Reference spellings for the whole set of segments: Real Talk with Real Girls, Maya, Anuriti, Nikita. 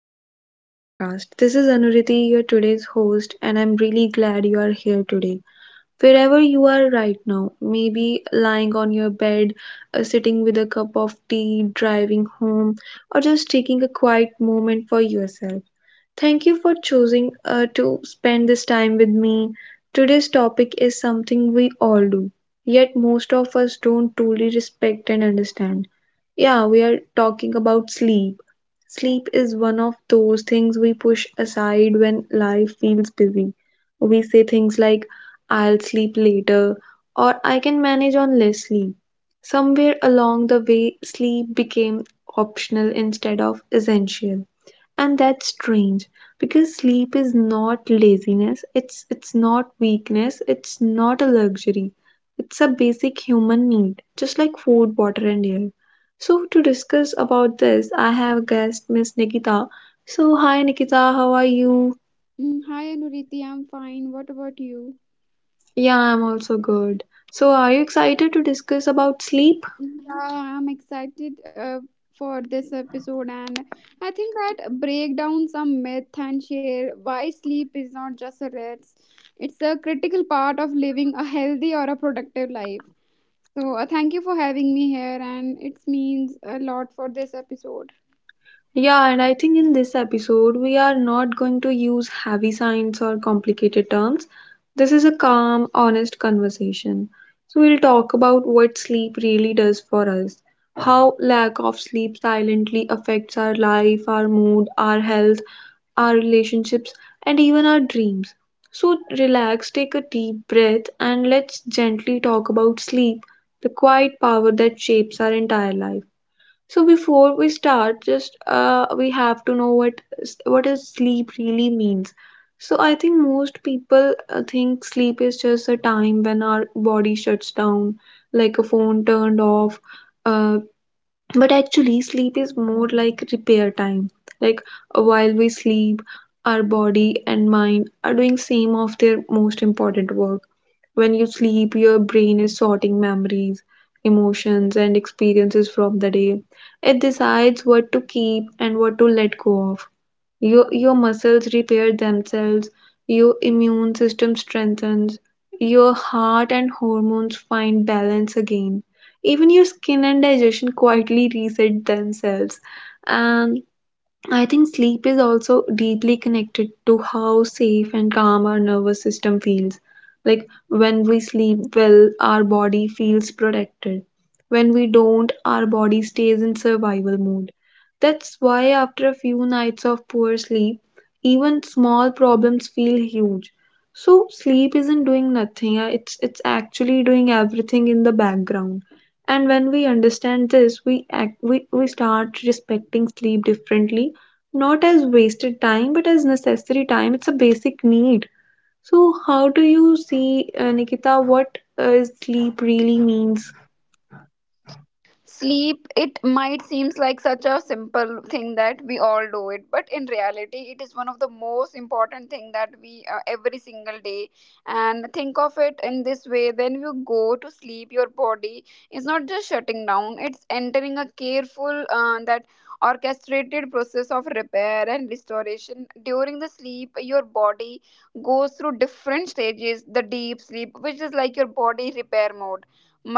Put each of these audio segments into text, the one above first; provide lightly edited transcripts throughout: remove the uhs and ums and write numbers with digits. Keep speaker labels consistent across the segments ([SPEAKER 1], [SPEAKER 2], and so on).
[SPEAKER 1] back to my podcast. This is Anuriti, your today's host, and I'm really glad you are here today. Wherever you are right now, maybe lying on your bed, sitting with a cup of tea, driving home, or just taking a quiet moment for yourself. Thank you for choosing to spend this time with me. Today's topic is something we all do, yet most of us don't truly respect and understand. Yeah, we are talking about sleep. Sleep is one of those things we push aside when life feels busy. We say things like, I'll sleep later, or I can manage on less sleep. Somewhere along the way, sleep became optional instead of essential, and that's strange because sleep is not laziness, it's not weakness, it's not a luxury. It's a basic human need, just like food, water, and air. So to discuss about this, I have a guest, Miss Nikita. So hi Nikita, how are you?
[SPEAKER 2] Hi Anuriti, I'm fine. What about you?
[SPEAKER 1] Yeah, I'm also good. So are you excited to discuss about sleep?
[SPEAKER 2] Yeah, I'm excited, for this episode, and I think that break down some myth and share why sleep is not just a rest. It's a critical part of living a healthy or a productive life. So thank you for having me here, and it means a lot for this episode.
[SPEAKER 1] Yeah, and I think in this episode, we are not going to use heavy science or complicated terms. This is a calm, honest conversation. So, we'll talk about what sleep really does for us, how lack of sleep silently affects our life, our mood, our health, our relationships, and even our dreams. So, relax, take a deep breath, and let's gently talk about sleep, the quiet power that shapes our entire life. So before we start, just we have to know what is sleep really means. So I think most people think sleep is just a time when our body shuts down, like a phone turned off. Uh, but actually, sleep is more like repair time. Like while we sleep, our body and mind are doing same of their most important work. When you sleep, your brain is sorting memories, emotions, and experiences from the day. It decides what to keep and what to let go of. Your muscles repair themselves, your immune system strengthens, your heart and hormones find balance again. Even your skin and digestion quietly reset themselves. And I think sleep is also deeply connected to how safe and calm our nervous system feels. Like when we sleep well, our body feels protected. When we don't, our body stays in survival mode. That's why after a few nights of poor sleep, even small problems feel huge. So sleep isn't doing nothing, it's actually doing everything in the background. And when we understand this, we start respecting sleep differently, not as wasted time but as necessary time. It's a basic need. So how do you see, Nikita, what sleep really means?
[SPEAKER 2] Sleep it might seems like such a simple thing that we all do it, but in reality it is one of the most important thing that we every single day. And think of it in this way, when you go to sleep your body is not just shutting down, it's entering a careful, that orchestrated process of repair and restoration. During the sleep your body goes through different stages, the deep sleep which is like your body repair mode,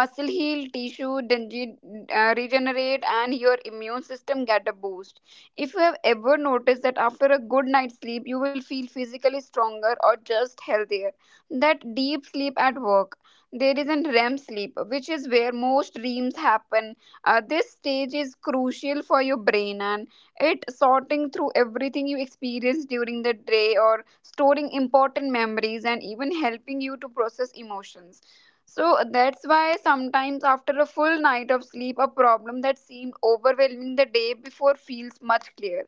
[SPEAKER 2] muscle heal, tissue regenerate and your immune system get a boost. If you have ever noticed that after a good night's sleep you will feel physically stronger or just healthier, that deep sleep at work. There is an REM sleep, which is where most dreams happen. This stage is crucial for your brain, and it sorting through everything you experience during the day or storing important memories and even helping you to process emotions. So that's why sometimes after a full night of sleep, a problem that seemed overwhelming the day before feels much clearer.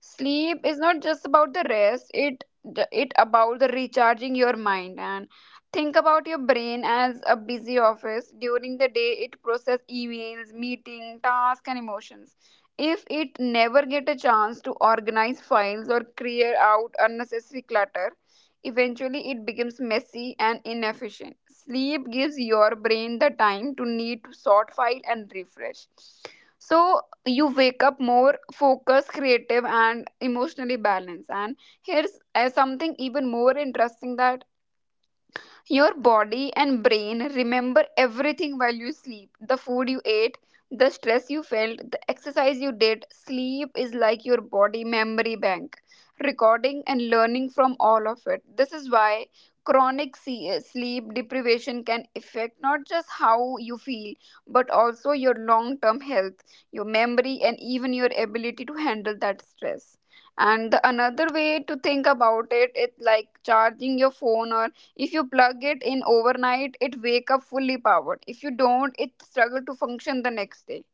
[SPEAKER 2] Sleep is not just about the rest, it about the recharging your mind. And think about your brain as a busy office, during the day it process emails, meeting tasks and emotions. If it never get a chance to organize files or clear out unnecessary clutter, eventually it becomes messy and inefficient. Sleep gives your brain the time to need to sort file and refresh, so you wake up more focused, creative and emotionally balanced. And here's something even more interesting, that your body and brain remember everything while you sleep, the food you ate, the stress you felt, the exercise you did. Sleep is like your body memory bank, recording and learning from all of it. This is why sleep deprivation can affect not just how you feel, but also your long term health, your memory, and even your ability to handle that stress. And the another way to think about it, it's like charging your phone. Or if you plug it in overnight, it wake up fully powered. If you don't, it struggle to function the next day.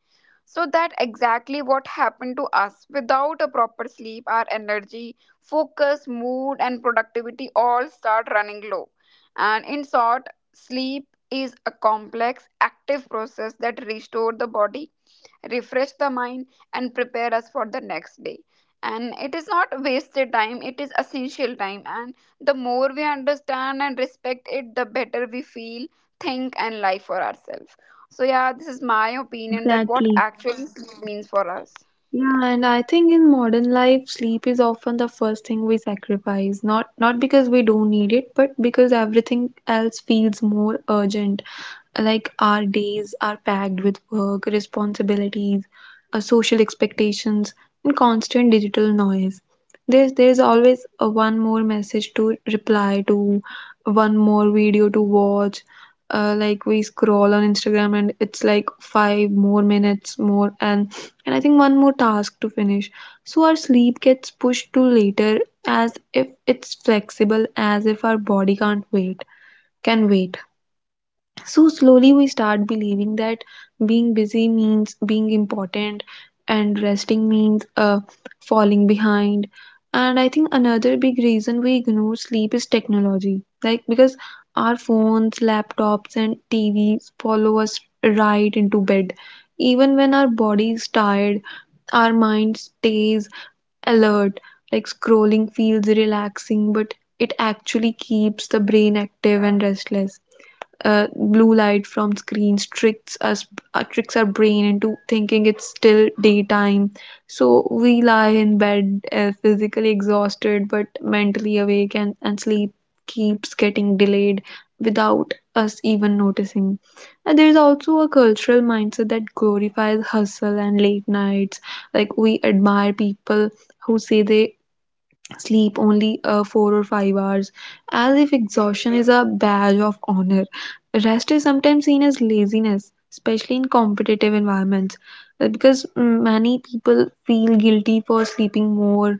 [SPEAKER 2] So that exactly what happened to us. Without a proper sleep, our energy, focus, mood and productivity all start running low. And in short, sleep is a complex active process that restores the body, refresh the mind and prepare us for the next day. And it is not wasted time, it is essential time. And the more we understand and respect it, the better we feel, think and live for ourselves. So yeah, this is my
[SPEAKER 1] Yeah,
[SPEAKER 2] opinion that what
[SPEAKER 1] exactly.
[SPEAKER 2] actually sleep means for us.
[SPEAKER 1] Yeah,
[SPEAKER 2] Yeah.
[SPEAKER 1] and I think in modern life, sleep is often the first thing we sacrifice, not because we don't need it but because everything else feels more urgent. Like our days are packed with work, responsibilities, social expectations, and constant digital noise. There's always a one more message to reply to, one more video to watch. Like we scroll on Instagram and it's like five more minutes more, and I think one more task to finish. So our sleep gets pushed to later, as if it's flexible, as if our body can't wait, can wait. So slowly we start believing that being busy means being important and resting means falling behind. And I think another big reason we ignore sleep is technology. Like because our phones, laptops, and TVs follow us right into bed. Even when our body is tired, our mind stays alert. Like scrolling feels relaxing, but it actually keeps the brain active and restless. Blue light from screens tricks us, tricks our brain into thinking it's still daytime. So we lie in bed, physically exhausted but mentally awake, and sleep keeps getting delayed without us even noticing. And there's also a cultural mindset that glorifies hustle and late nights. Like we admire people who say they sleep only 4 or 5 hours, as if exhaustion is a badge of honor. Rest is sometimes seen as laziness, especially in competitive environments, because many people feel guilty for sleeping more,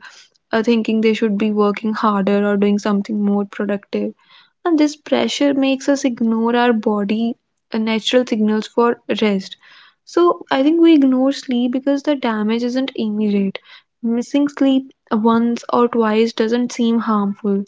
[SPEAKER 1] thinking they should be working harder or doing something more productive. And this pressure makes us ignore our body natural signals for rest. So I think we ignore sleep because the damage isn't immediate. Missing sleep once or twice doesn't seem harmful.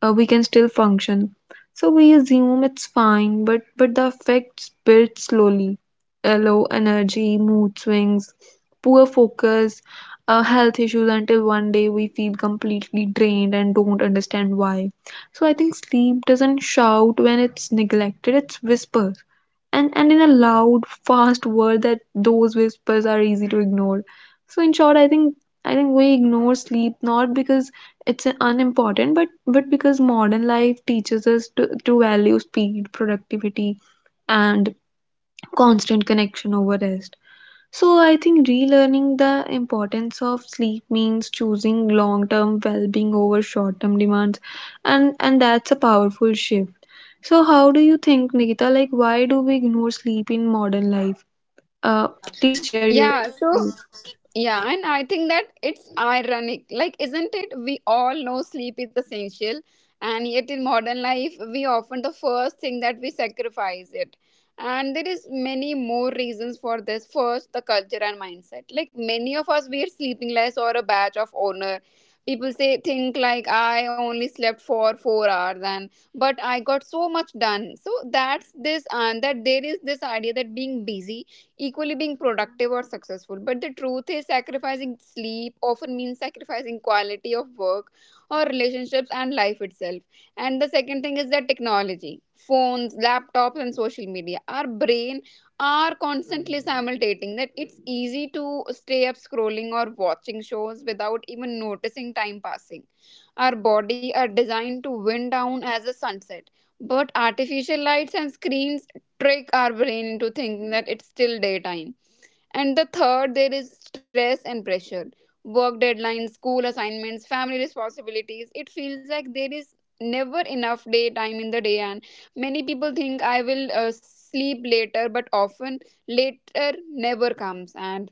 [SPEAKER 1] We can still function, so we assume it's fine, but the effects build slowly. Low energy, mood swings, poor focus, health issues, until one day we feel completely drained and don't understand why. So I think sleep doesn't shout when it's neglected, it's whisper. And in a loud, fast world, that those whispers are easy to ignore. So in short, I think we ignore sleep not because it's unimportant, but because modern life teaches us to value speed, productivity, and constant connection over rest. So I think relearning the importance of sleep means choosing long-term well-being over short-term demands, and that's a powerful shift. So how do you think, Nikita, like why do we ignore sleep in modern life? Uh, please share your
[SPEAKER 2] Yeah, so
[SPEAKER 1] views.
[SPEAKER 2] yeah, and I think that it's ironic. Like, isn't it? We all know sleep is essential, and yet in modern life, we often the first thing that we sacrifice it. And there is many more reasons for this. First, the culture and mindset. Like many of us, we are sleeping less or a badge of honor. People say think like I only slept for 4 hours, and but I got so much done. So that's this, and that there is this idea that being busy equally being productive or successful. But the truth is, sacrificing sleep often means sacrificing quality of work or relationships and life itself. And the second thing is that technology, phones, laptops, and social media, our brain are constantly simultating that it's easy to stay up scrolling or watching shows without even noticing time passing. Our body are designed to wind down as the sunset, but artificial lights and screens trick our brain into thinking that it's still daytime. And the third, there is stress and pressure. Work deadlines, school assignments, family responsibilities. It feels like there is never enough daytime in the day, and many people think I will sleep later, but often later never comes. And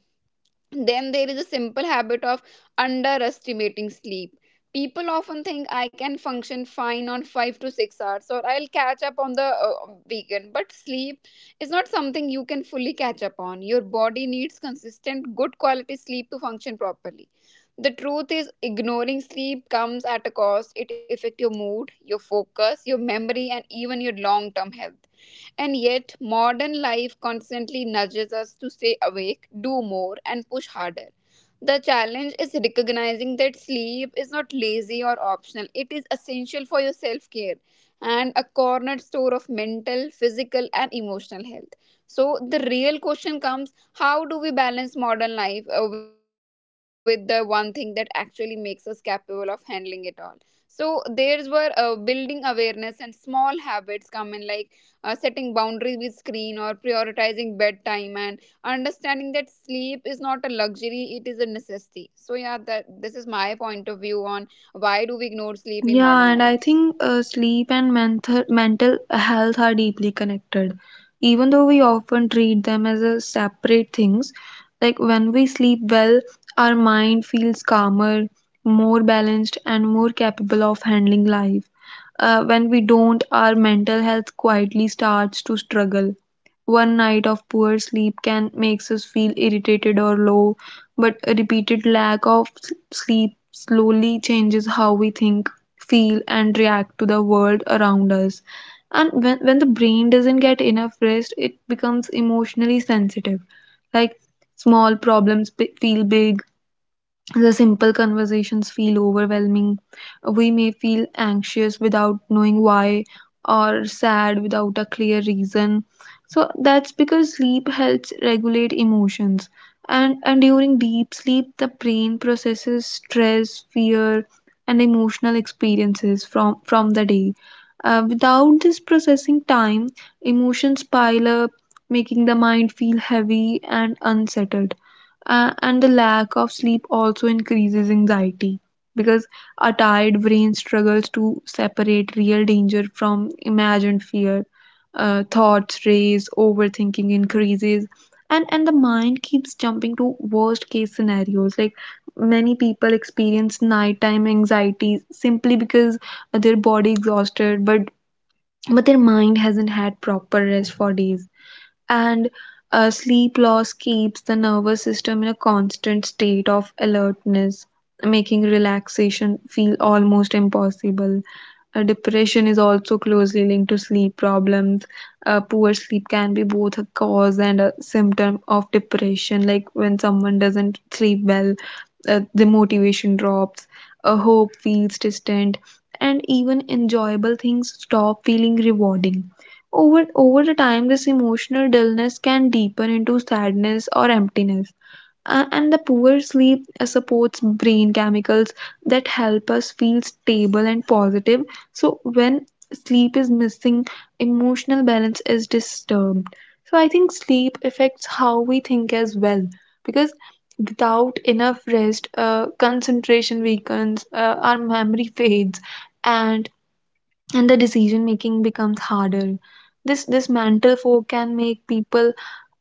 [SPEAKER 2] then there is a simple habit of underestimating sleep. People often think I can function fine on 5 to 6 hours or I'll catch up on the weekend. But sleep is not something you can fully catch up on. Your body needs consistent, good quality sleep to function properly. The truth is, ignoring sleep comes at a cost. It affects your mood, your focus, your memory, and even your long term health. And yet, modern life constantly nudges us to stay awake, do more, and push harder. The challenge is recognizing that sleep is not lazy or optional, it is essential for your self care and a cornerstone of mental, physical, and emotional health. So, the real question comes, how do we balance modern life with the one thing that actually makes us capable of handling it all? So, there's where building awareness and small habits come in, like setting boundaries with screen or prioritizing bedtime and understanding that sleep is not a luxury, it is a necessity. So yeah, that this is my point of view on why do we ignore sleep in
[SPEAKER 1] Yeah, and I
[SPEAKER 2] modern
[SPEAKER 1] think
[SPEAKER 2] lives.
[SPEAKER 1] sleep and mental health are deeply connected. Even though we often treat them as a separate things, like when we sleep well, our mind feels calmer, more balanced, and more capable of handling life. When we don't, our mental health quietly starts to struggle. One night of poor sleep can makes us feel irritated or low, but a repeated lack of sleep slowly changes how we think, feel, and react to the world around us. And when the brain doesn't get enough rest, it becomes emotionally sensitive. Like small problems feel big, the simple conversations feel overwhelming. We may feel anxious without knowing why or sad without a clear reason. So that's because sleep helps regulate emotions. And during deep sleep, the brain processes stress, fear, and emotional experiences from the day. Without this processing time, emotions pile up, making the mind feel heavy and unsettled. And the lack of sleep also increases anxiety because a tired brain struggles to separate real danger from imagined fear. Thoughts race, overthinking increases, and the mind keeps jumping to worst case scenarios. Like many people experience nighttime anxiety simply because their body exhausted, but their mind hasn't had proper rest for days. And sleep loss keeps the nervous system in a constant state of alertness, making relaxation feel almost impossible. Depression is also closely linked to sleep problems. Poor sleep can be both a cause and a symptom of depression. Like when someone doesn't sleep well, the motivation drops, hope feels distant, and even enjoyable things stop feeling rewarding. Over the time, this emotional dullness can deepen into sadness or emptiness. And the poor sleep supports brain chemicals that help us feel stable and positive. So, when sleep is missing, emotional balance is disturbed. So, I think sleep affects how we think as well because without enough rest, concentration weakens, our memory fades, and the decision making becomes harder. This mental fog can make people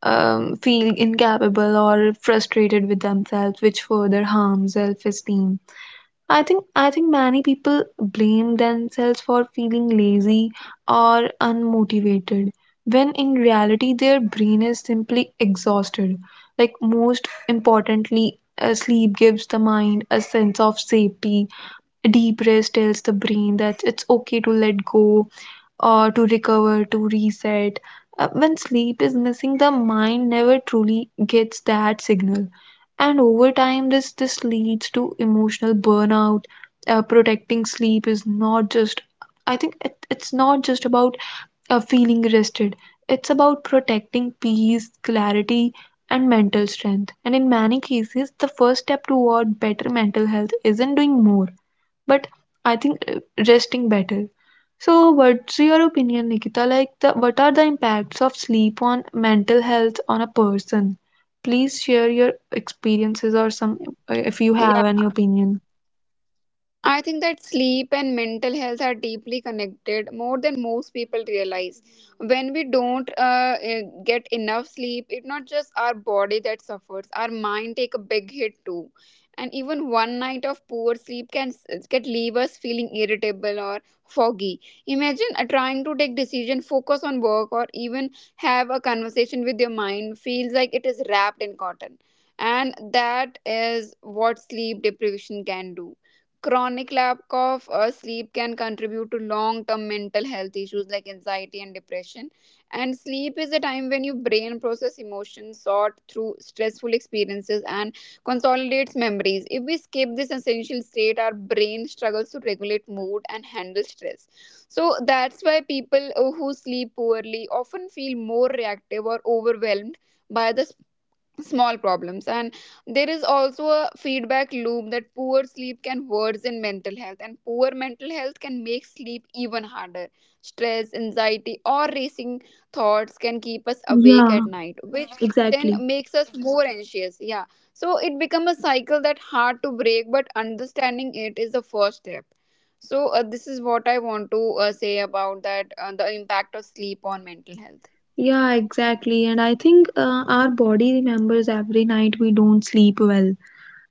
[SPEAKER 1] feel incapable or frustrated with themselves, which further harms self esteem. I think many people blame themselves for feeling lazy or unmotivated when in reality their brain is simply exhausted. Like most importantly, sleep gives the mind a sense of safety. A deep rest tells the brain that it's okay to let go, or to recover, to reset. When sleep is missing, the mind never truly gets that signal. And over time, this leads to emotional burnout. Protecting sleep is not just, it's not just about feeling rested, it's about protecting peace, clarity, and mental strength. And in many cases, the first step toward better mental health isn't doing more, but I think resting better. So, what's your opinion, Nikita? Like, what are the impacts of sleep on mental health on a person? Please share your experiences or some, if you have any opinion.
[SPEAKER 2] I think that sleep and mental health are deeply connected, more than most people realize. When we don't get enough sleep, it's not just our body that suffers, our mind take a big hit too. And even one night of poor sleep can leave us feeling irritable or foggy. Imagine trying to take decision, focus on work, or even have a conversation with your mind feels like it is wrapped in cotton. And that is what sleep deprivation can do. Chronic lack of sleep can contribute to long term mental health issues like anxiety and depression. And sleep is a time when your brain process emotions, sort through stressful experiences, and consolidates memories. If we skip this essential state, our brain struggles to regulate mood and handle stress. So that's why people who sleep poorly often feel more reactive or overwhelmed by the small problems. And there is also a feedback loop that poor sleep can worsen mental health, and poor mental health can make sleep even harder. Stress, anxiety or racing thoughts can keep us awake
[SPEAKER 1] Yeah,
[SPEAKER 2] at night, which then
[SPEAKER 1] exactly.
[SPEAKER 2] makes us more anxious, yeah. So it becomes a cycle that hard to break, but understanding it is the first step. So this is what I want to say about that, the impact of sleep on mental health.
[SPEAKER 1] Yeah, exactly. And I think our body remembers every night we don't sleep well,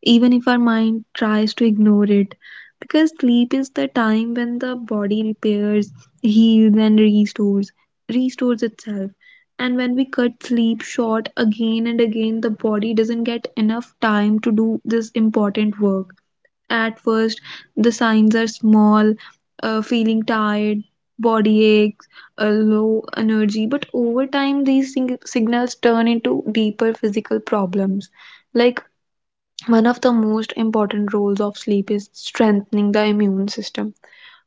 [SPEAKER 1] even if our mind tries to ignore it. Because sleep is the time when the body repairs, heals, and restores itself. And when we cut sleep short again and again, the body doesn't get enough time to do this important work. At first, the signs are small, feeling tired, body aches, a low energy, but over time, signals turn into deeper physical problems like one of the most important roles of sleep is strengthening the immune system.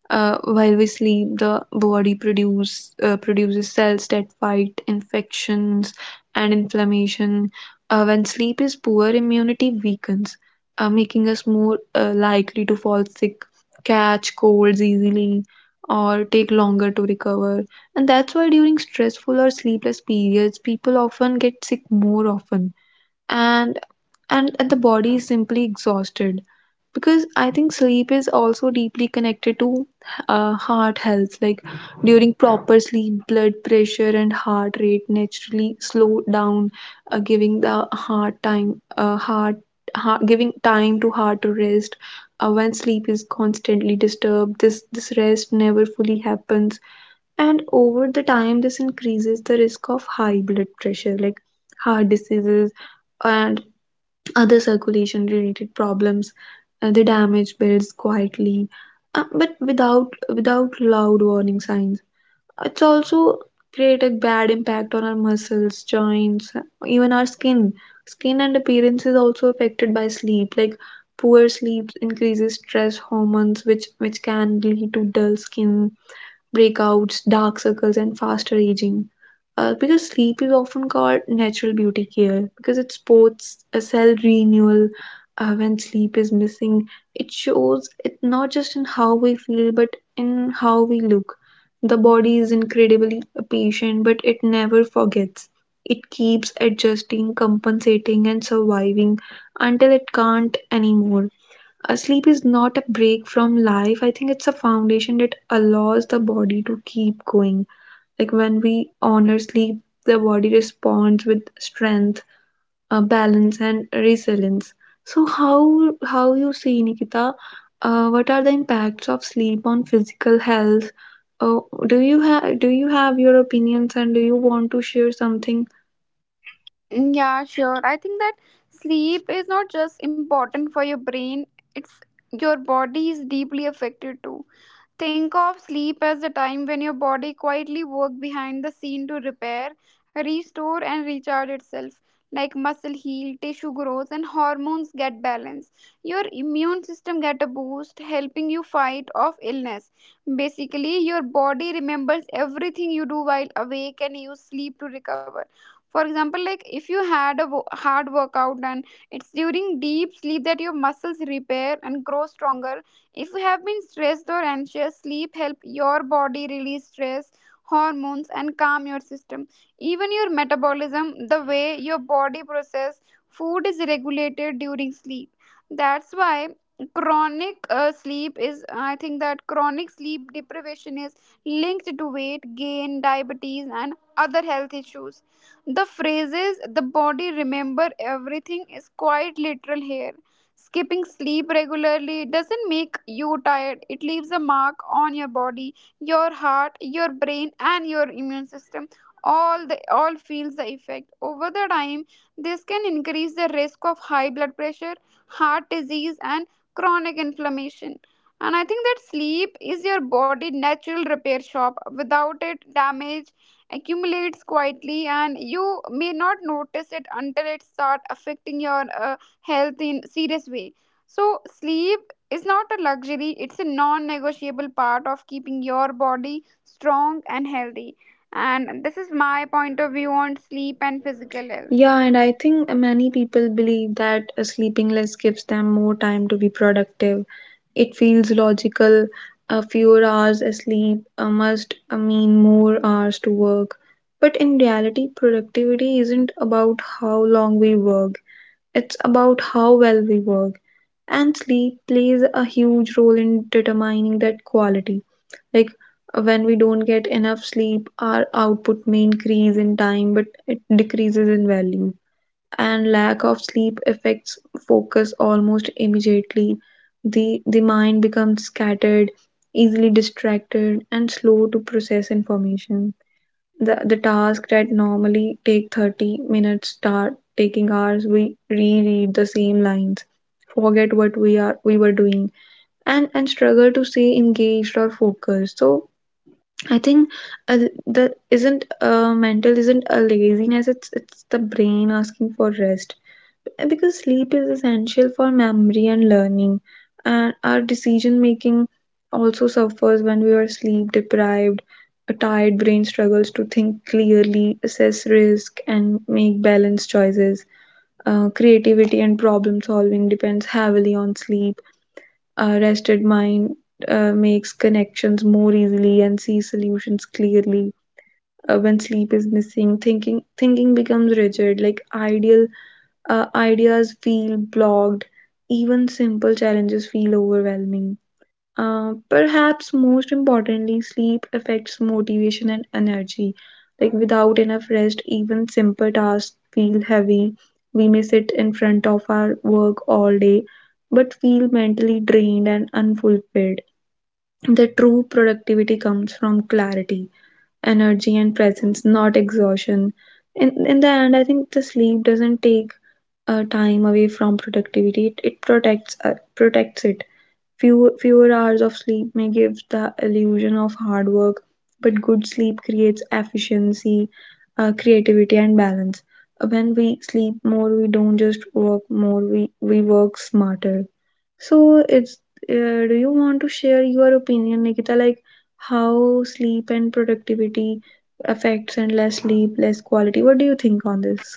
[SPEAKER 1] While we sleep, the body produces cells that fight infections and inflammation. When sleep is poor, immunity weakens, making us more likely to fall sick, catch colds easily, or take longer to recover. And that's why during stressful or sleepless periods, people often get sick more often. And and the body is simply exhausted because I think sleep is also deeply connected to heart health. Like during proper sleep, blood pressure and heart rate naturally slow down, giving the uh, heart, heart giving time to heart to rest. Uh, when sleep is constantly disturbed, this rest never fully happens, and over the time this increases the risk of high blood pressure, like heart diseases and other circulation related problems. Uh, they damage builds quietly, but without loud warning signs. It's also create a bad impact on our muscles, joints, even our skin. Skin and appearance is also affected by sleep. Like poor sleep increases stress hormones, which can lead to dull skin, breakouts, dark circles, and faster aging. Because sleep is often called natural beauty care because it supports a cell renewal. Uh, when sleep is missing, it shows it not just in how we feel but in how we look. The body is incredibly patient, but it never forgets. It keeps adjusting, compensating, and surviving until it can't anymore. Uh, sleep is not a break from life. I think it's a foundation that allows the body to keep going. Like when we honor sleep, the body responds with strength, balance, and resilience. So how you see, Nikita? What are the impacts of sleep on physical health? Uh, do you have your opinions, and do you want to share something?
[SPEAKER 2] Yeah, sure. I think that sleep is not just important for your brain, it's your body is deeply affected too. Think of sleep as the time when your body quietly works behind the scene to repair, restore, and recharge itself. Like muscle heal, tissue grows, and hormones get balanced. Your immune system get a boost, helping you fight off illness. Basically, your body remembers everything you do while awake and use sleep to recover. For example, like if you had a hard workout, and it's during deep sleep that your muscles repair and grow stronger. If you have been stressed or anxious, sleep help your body release stress hormones and calm your system. Even your metabolism, the way your body process food, is regulated during sleep. That's why chronic sleep deprivation is linked to weight gain, diabetes and other health issues. The phrases the body remember everything is quite literal here. Skipping sleep regularly doesn't make you tired, it leaves a mark on your body, your heart, your brain, and your immune system. All the all feels the effect. Over the time, this can increase the risk of high blood pressure, heart disease, and chronic inflammation. And I think that sleep is your body natural repair shop. Without it, damage accumulates quietly and you may not notice it until it start affecting your health in serious way. So sleep is not a luxury, it's a non-negotiable part of keeping your body strong and healthy. And this is my point of view on sleep and physical health.
[SPEAKER 1] Yeah, and I think many people believe that sleeping less gives them more time to be productive. It feels logical. A fewer hours asleep must mean more hours to work. But in reality, productivity isn't about how long we work, it's about how well we work. And sleep plays a huge role in determining that quality. Like when we don't get enough sleep, our output may increase in time, but it decreases in value. And lack of sleep affects focus almost immediately. The mind becomes scattered, easily distracted, and slow to process information. The tasks that normally take 30 minutes start taking hours. We reread the same lines, forget what we were doing, and struggle to stay engaged or focused. So I think a, the isn't mental isn't a laziness. It's the brain asking for rest because sleep is essential for memory and learning. And our decision making also suffers when we are sleep deprived. A tired brain struggles to think clearly, assess risk, and make balanced choices. Uh, creativity and problem solving depends heavily on sleep. A rested mind makes connections more easily and sees solutions clearly. Uh, when sleep is missing, thinking becomes rigid, like ideal, ideas feel blocked, even simple challenges feel overwhelming. Perhaps most importantly, sleep affects motivation and energy. Like without enough rest, even simple tasks feel heavy. We may sit in front of our work all day, but feel mentally drained and unfulfilled. The true productivity comes from clarity, energy, and presence, not exhaustion. In the end, I think the sleep doesn't take time away from productivity. It protects it. Fewer hours of sleep may give the illusion of hard work, but good sleep creates efficiency, creativity, and balance. When we sleep more, we don't just work more. We work smarter. So it's do you want to share your opinion, Nikita? Like how sleep and productivity affects, and less sleep, less quality. What do you think on this?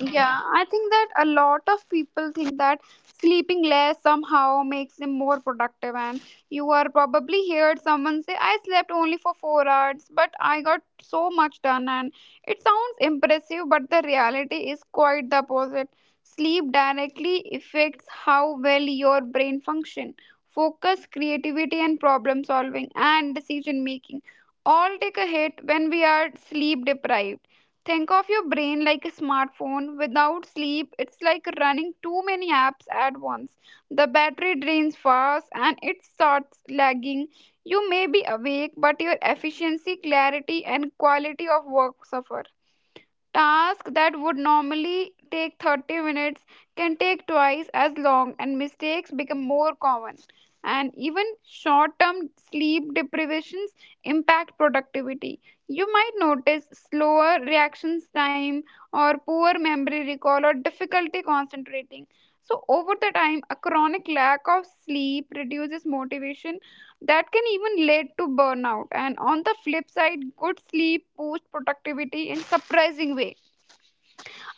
[SPEAKER 2] Yeah, I think that a lot of people think that sleeping less somehow makes them more productive. And you are probably heard someone say, I slept only for 4 hours, but I got so much done. And it sounds impressive, but the reality is quite the opposite. Sleep directly affects how well your brain function, focus, creativity, and problem solving and decision making all take a hit when we are sleep deprived. Think of your brain like a smartphone. Without sleep, it's like running too many apps at once. The battery drains fast and it starts lagging. You may be awake, but your efficiency, clarity, and quality of work suffer. Tasks that would normally take 30 minutes can take twice as long, and mistakes become more common. And even short term sleep deprivations impact productivity. You might notice slower reactions time, or poor memory recall, or difficulty concentrating. So, over the time, a chronic lack of sleep reduces motivation that can even lead to burnout. And on the flip side, good sleep boosts productivity in surprising way.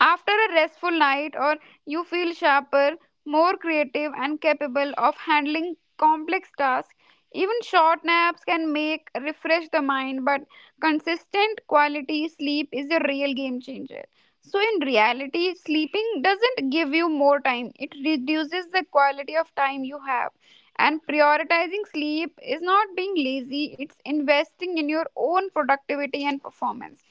[SPEAKER 2] After a restful night, or you feel sharper, more creative, and capable of handling complex tasks. Even short naps can make refresh the mind, but consistent quality sleep is a real game changer. So, in reality, sleeping doesn't give you more time, it reduces the quality of time you have. And prioritizing sleep is not being lazy, it's investing in your own productivity and performance.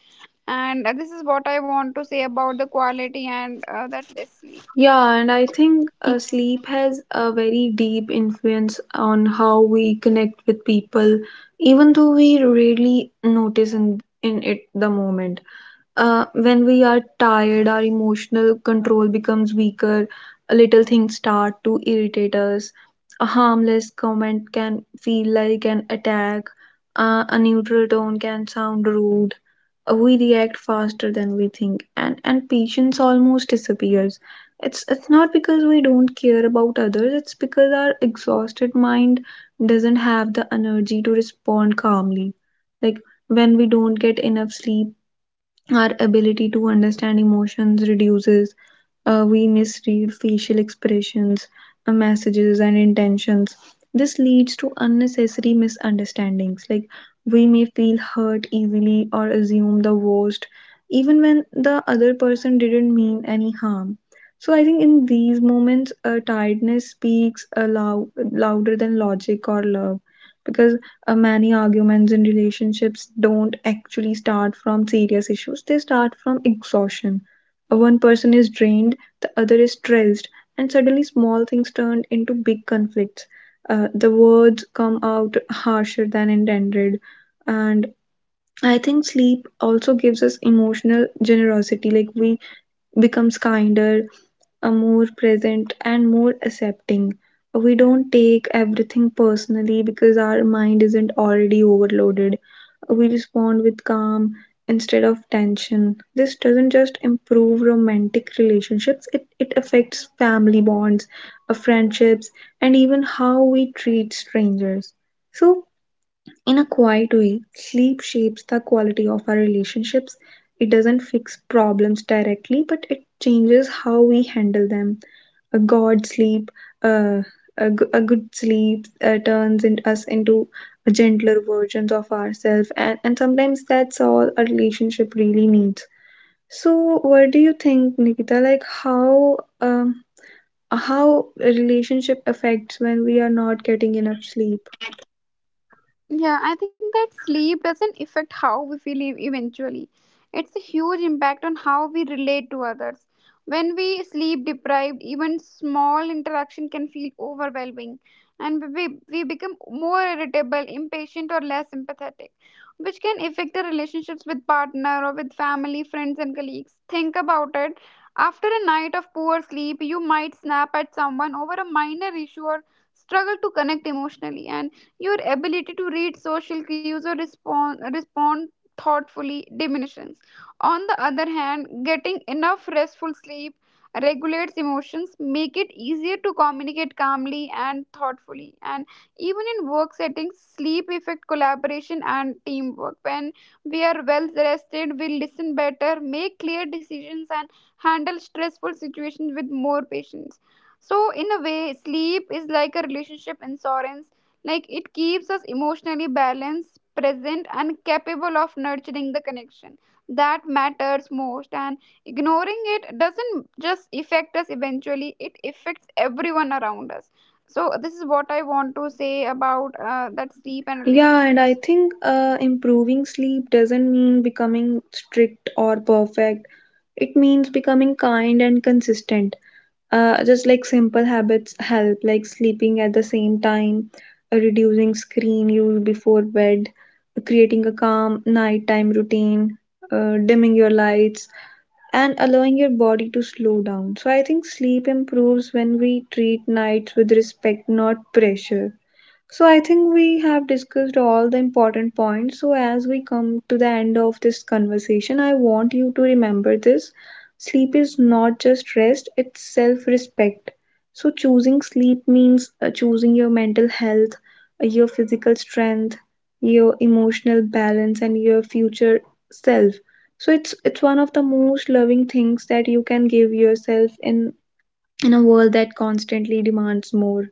[SPEAKER 2] And this is what I want to say about the quality, and that this.
[SPEAKER 1] Yeah, and I think sleep has a very deep influence on how we connect with people, even though we rarely notice in it the moment. When we are tired, our emotional control becomes weaker. Little things start to irritate us. A harmless comment can feel like an attack. A neutral tone can sound rude. We react faster than we think, and patience almost disappears. It's not because we don't care about others. It's because our exhausted mind doesn't have the energy to respond calmly. Like when we don't get enough sleep, our ability to understand emotions reduces. We misread facial expressions, messages, and intentions. This leads to unnecessary misunderstandings. Like, we may feel hurt easily or assume the worst, even when the other person didn't mean any harm. So, I think in these moments, tiredness speaks louder than logic or love, because many arguments in relationships don't actually start from serious issues, they start from exhaustion. One person is drained, the other is stressed, and suddenly small things turn into big conflicts. The words come out harsher than intended, and I think sleep also gives us emotional generosity. Like we becomes kinder, more present, and more accepting. We don't take everything personally because our mind isn't already overloaded. We respond with calm instead of tension. This doesn't just improve romantic relationships, it affects family bonds, friendships, and even how we treat strangers. So, in a quiet way, sleep shapes the quality of our relationships. It doesn't fix problems directly, but it changes how we handle them. A god sleep, uh, a, g- a good sleep turns us into gentler versions of ourselves, and, sometimes that's all a relationship really needs. So, what do you think, Nikita? Like, how a relationship affects when we are not getting enough sleep?
[SPEAKER 2] Yeah, I think that sleep doesn't affect how we feel eventually. It's a huge impact on how we relate to others. When we sleep deprived, even small interaction can feel overwhelming, and we become more irritable, impatient or less empathetic, which can affect the relationships with partner or with family, friends and colleagues. Think about it. After a night of poor sleep, you might snap at someone over a minor issue or struggle to connect emotionally, and your ability to read social cues or respond thoughtfully diminishes. On the other hand, getting enough restful sleep regulates emotions, make it easier to communicate calmly and thoughtfully. And even in work settings, sleep affect collaboration and teamwork. When we are well rested, we listen better, make clear decisions, and handle stressful situations with more patience. So, in a way, sleep is like a relationship insurance, like it keeps us emotionally balanced, present, and capable of nurturing the connection that matters most. And ignoring it doesn't just affect us eventually, it affects everyone around us. So, this is what I want to say about that sleep and
[SPEAKER 1] Yeah, and I
[SPEAKER 2] relationships.
[SPEAKER 1] think improving sleep doesn't mean becoming strict or perfect. It means becoming kind and consistent. Just like simple habits help, like sleeping at the same time, reducing screen use before bed, creating a calm nighttime routine, dimming your lights, and allowing your body to slow down. So I think sleep improves when we treat nights with respect, not pressure. So I think we have discussed all the important points. So as we come to the end of this conversation, I want you to remember this. Sleep is not just rest, it's self-respect. So choosing sleep means choosing your mental health, your physical strength, your emotional balance, and your future self. So it's one of the most loving things that you can give yourself in a world that constantly demands more.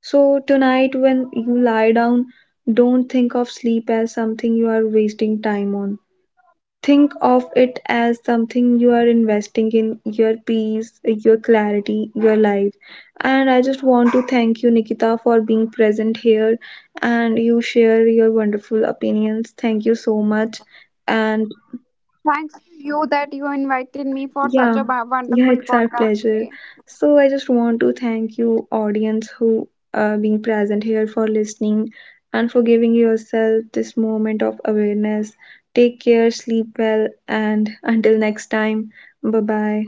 [SPEAKER 1] So, tonight, when you lie down, don't think of sleep as something you are wasting time on. Think of it as something you are investing in your peace, your clarity, your life. And I just want to thank you, Nikita, for being present here and you share your wonderful opinions. Thank you so much. And
[SPEAKER 2] Thanks to you that you invited me for such a
[SPEAKER 1] yeah, yeah,
[SPEAKER 2] wonderful
[SPEAKER 1] it's our
[SPEAKER 2] podcast
[SPEAKER 1] pleasure.
[SPEAKER 2] today.
[SPEAKER 1] So I just want to thank you, audience, who are being present here for listening and for giving yourself this moment of awareness. Take care, sleep well, and until next time, bye bye.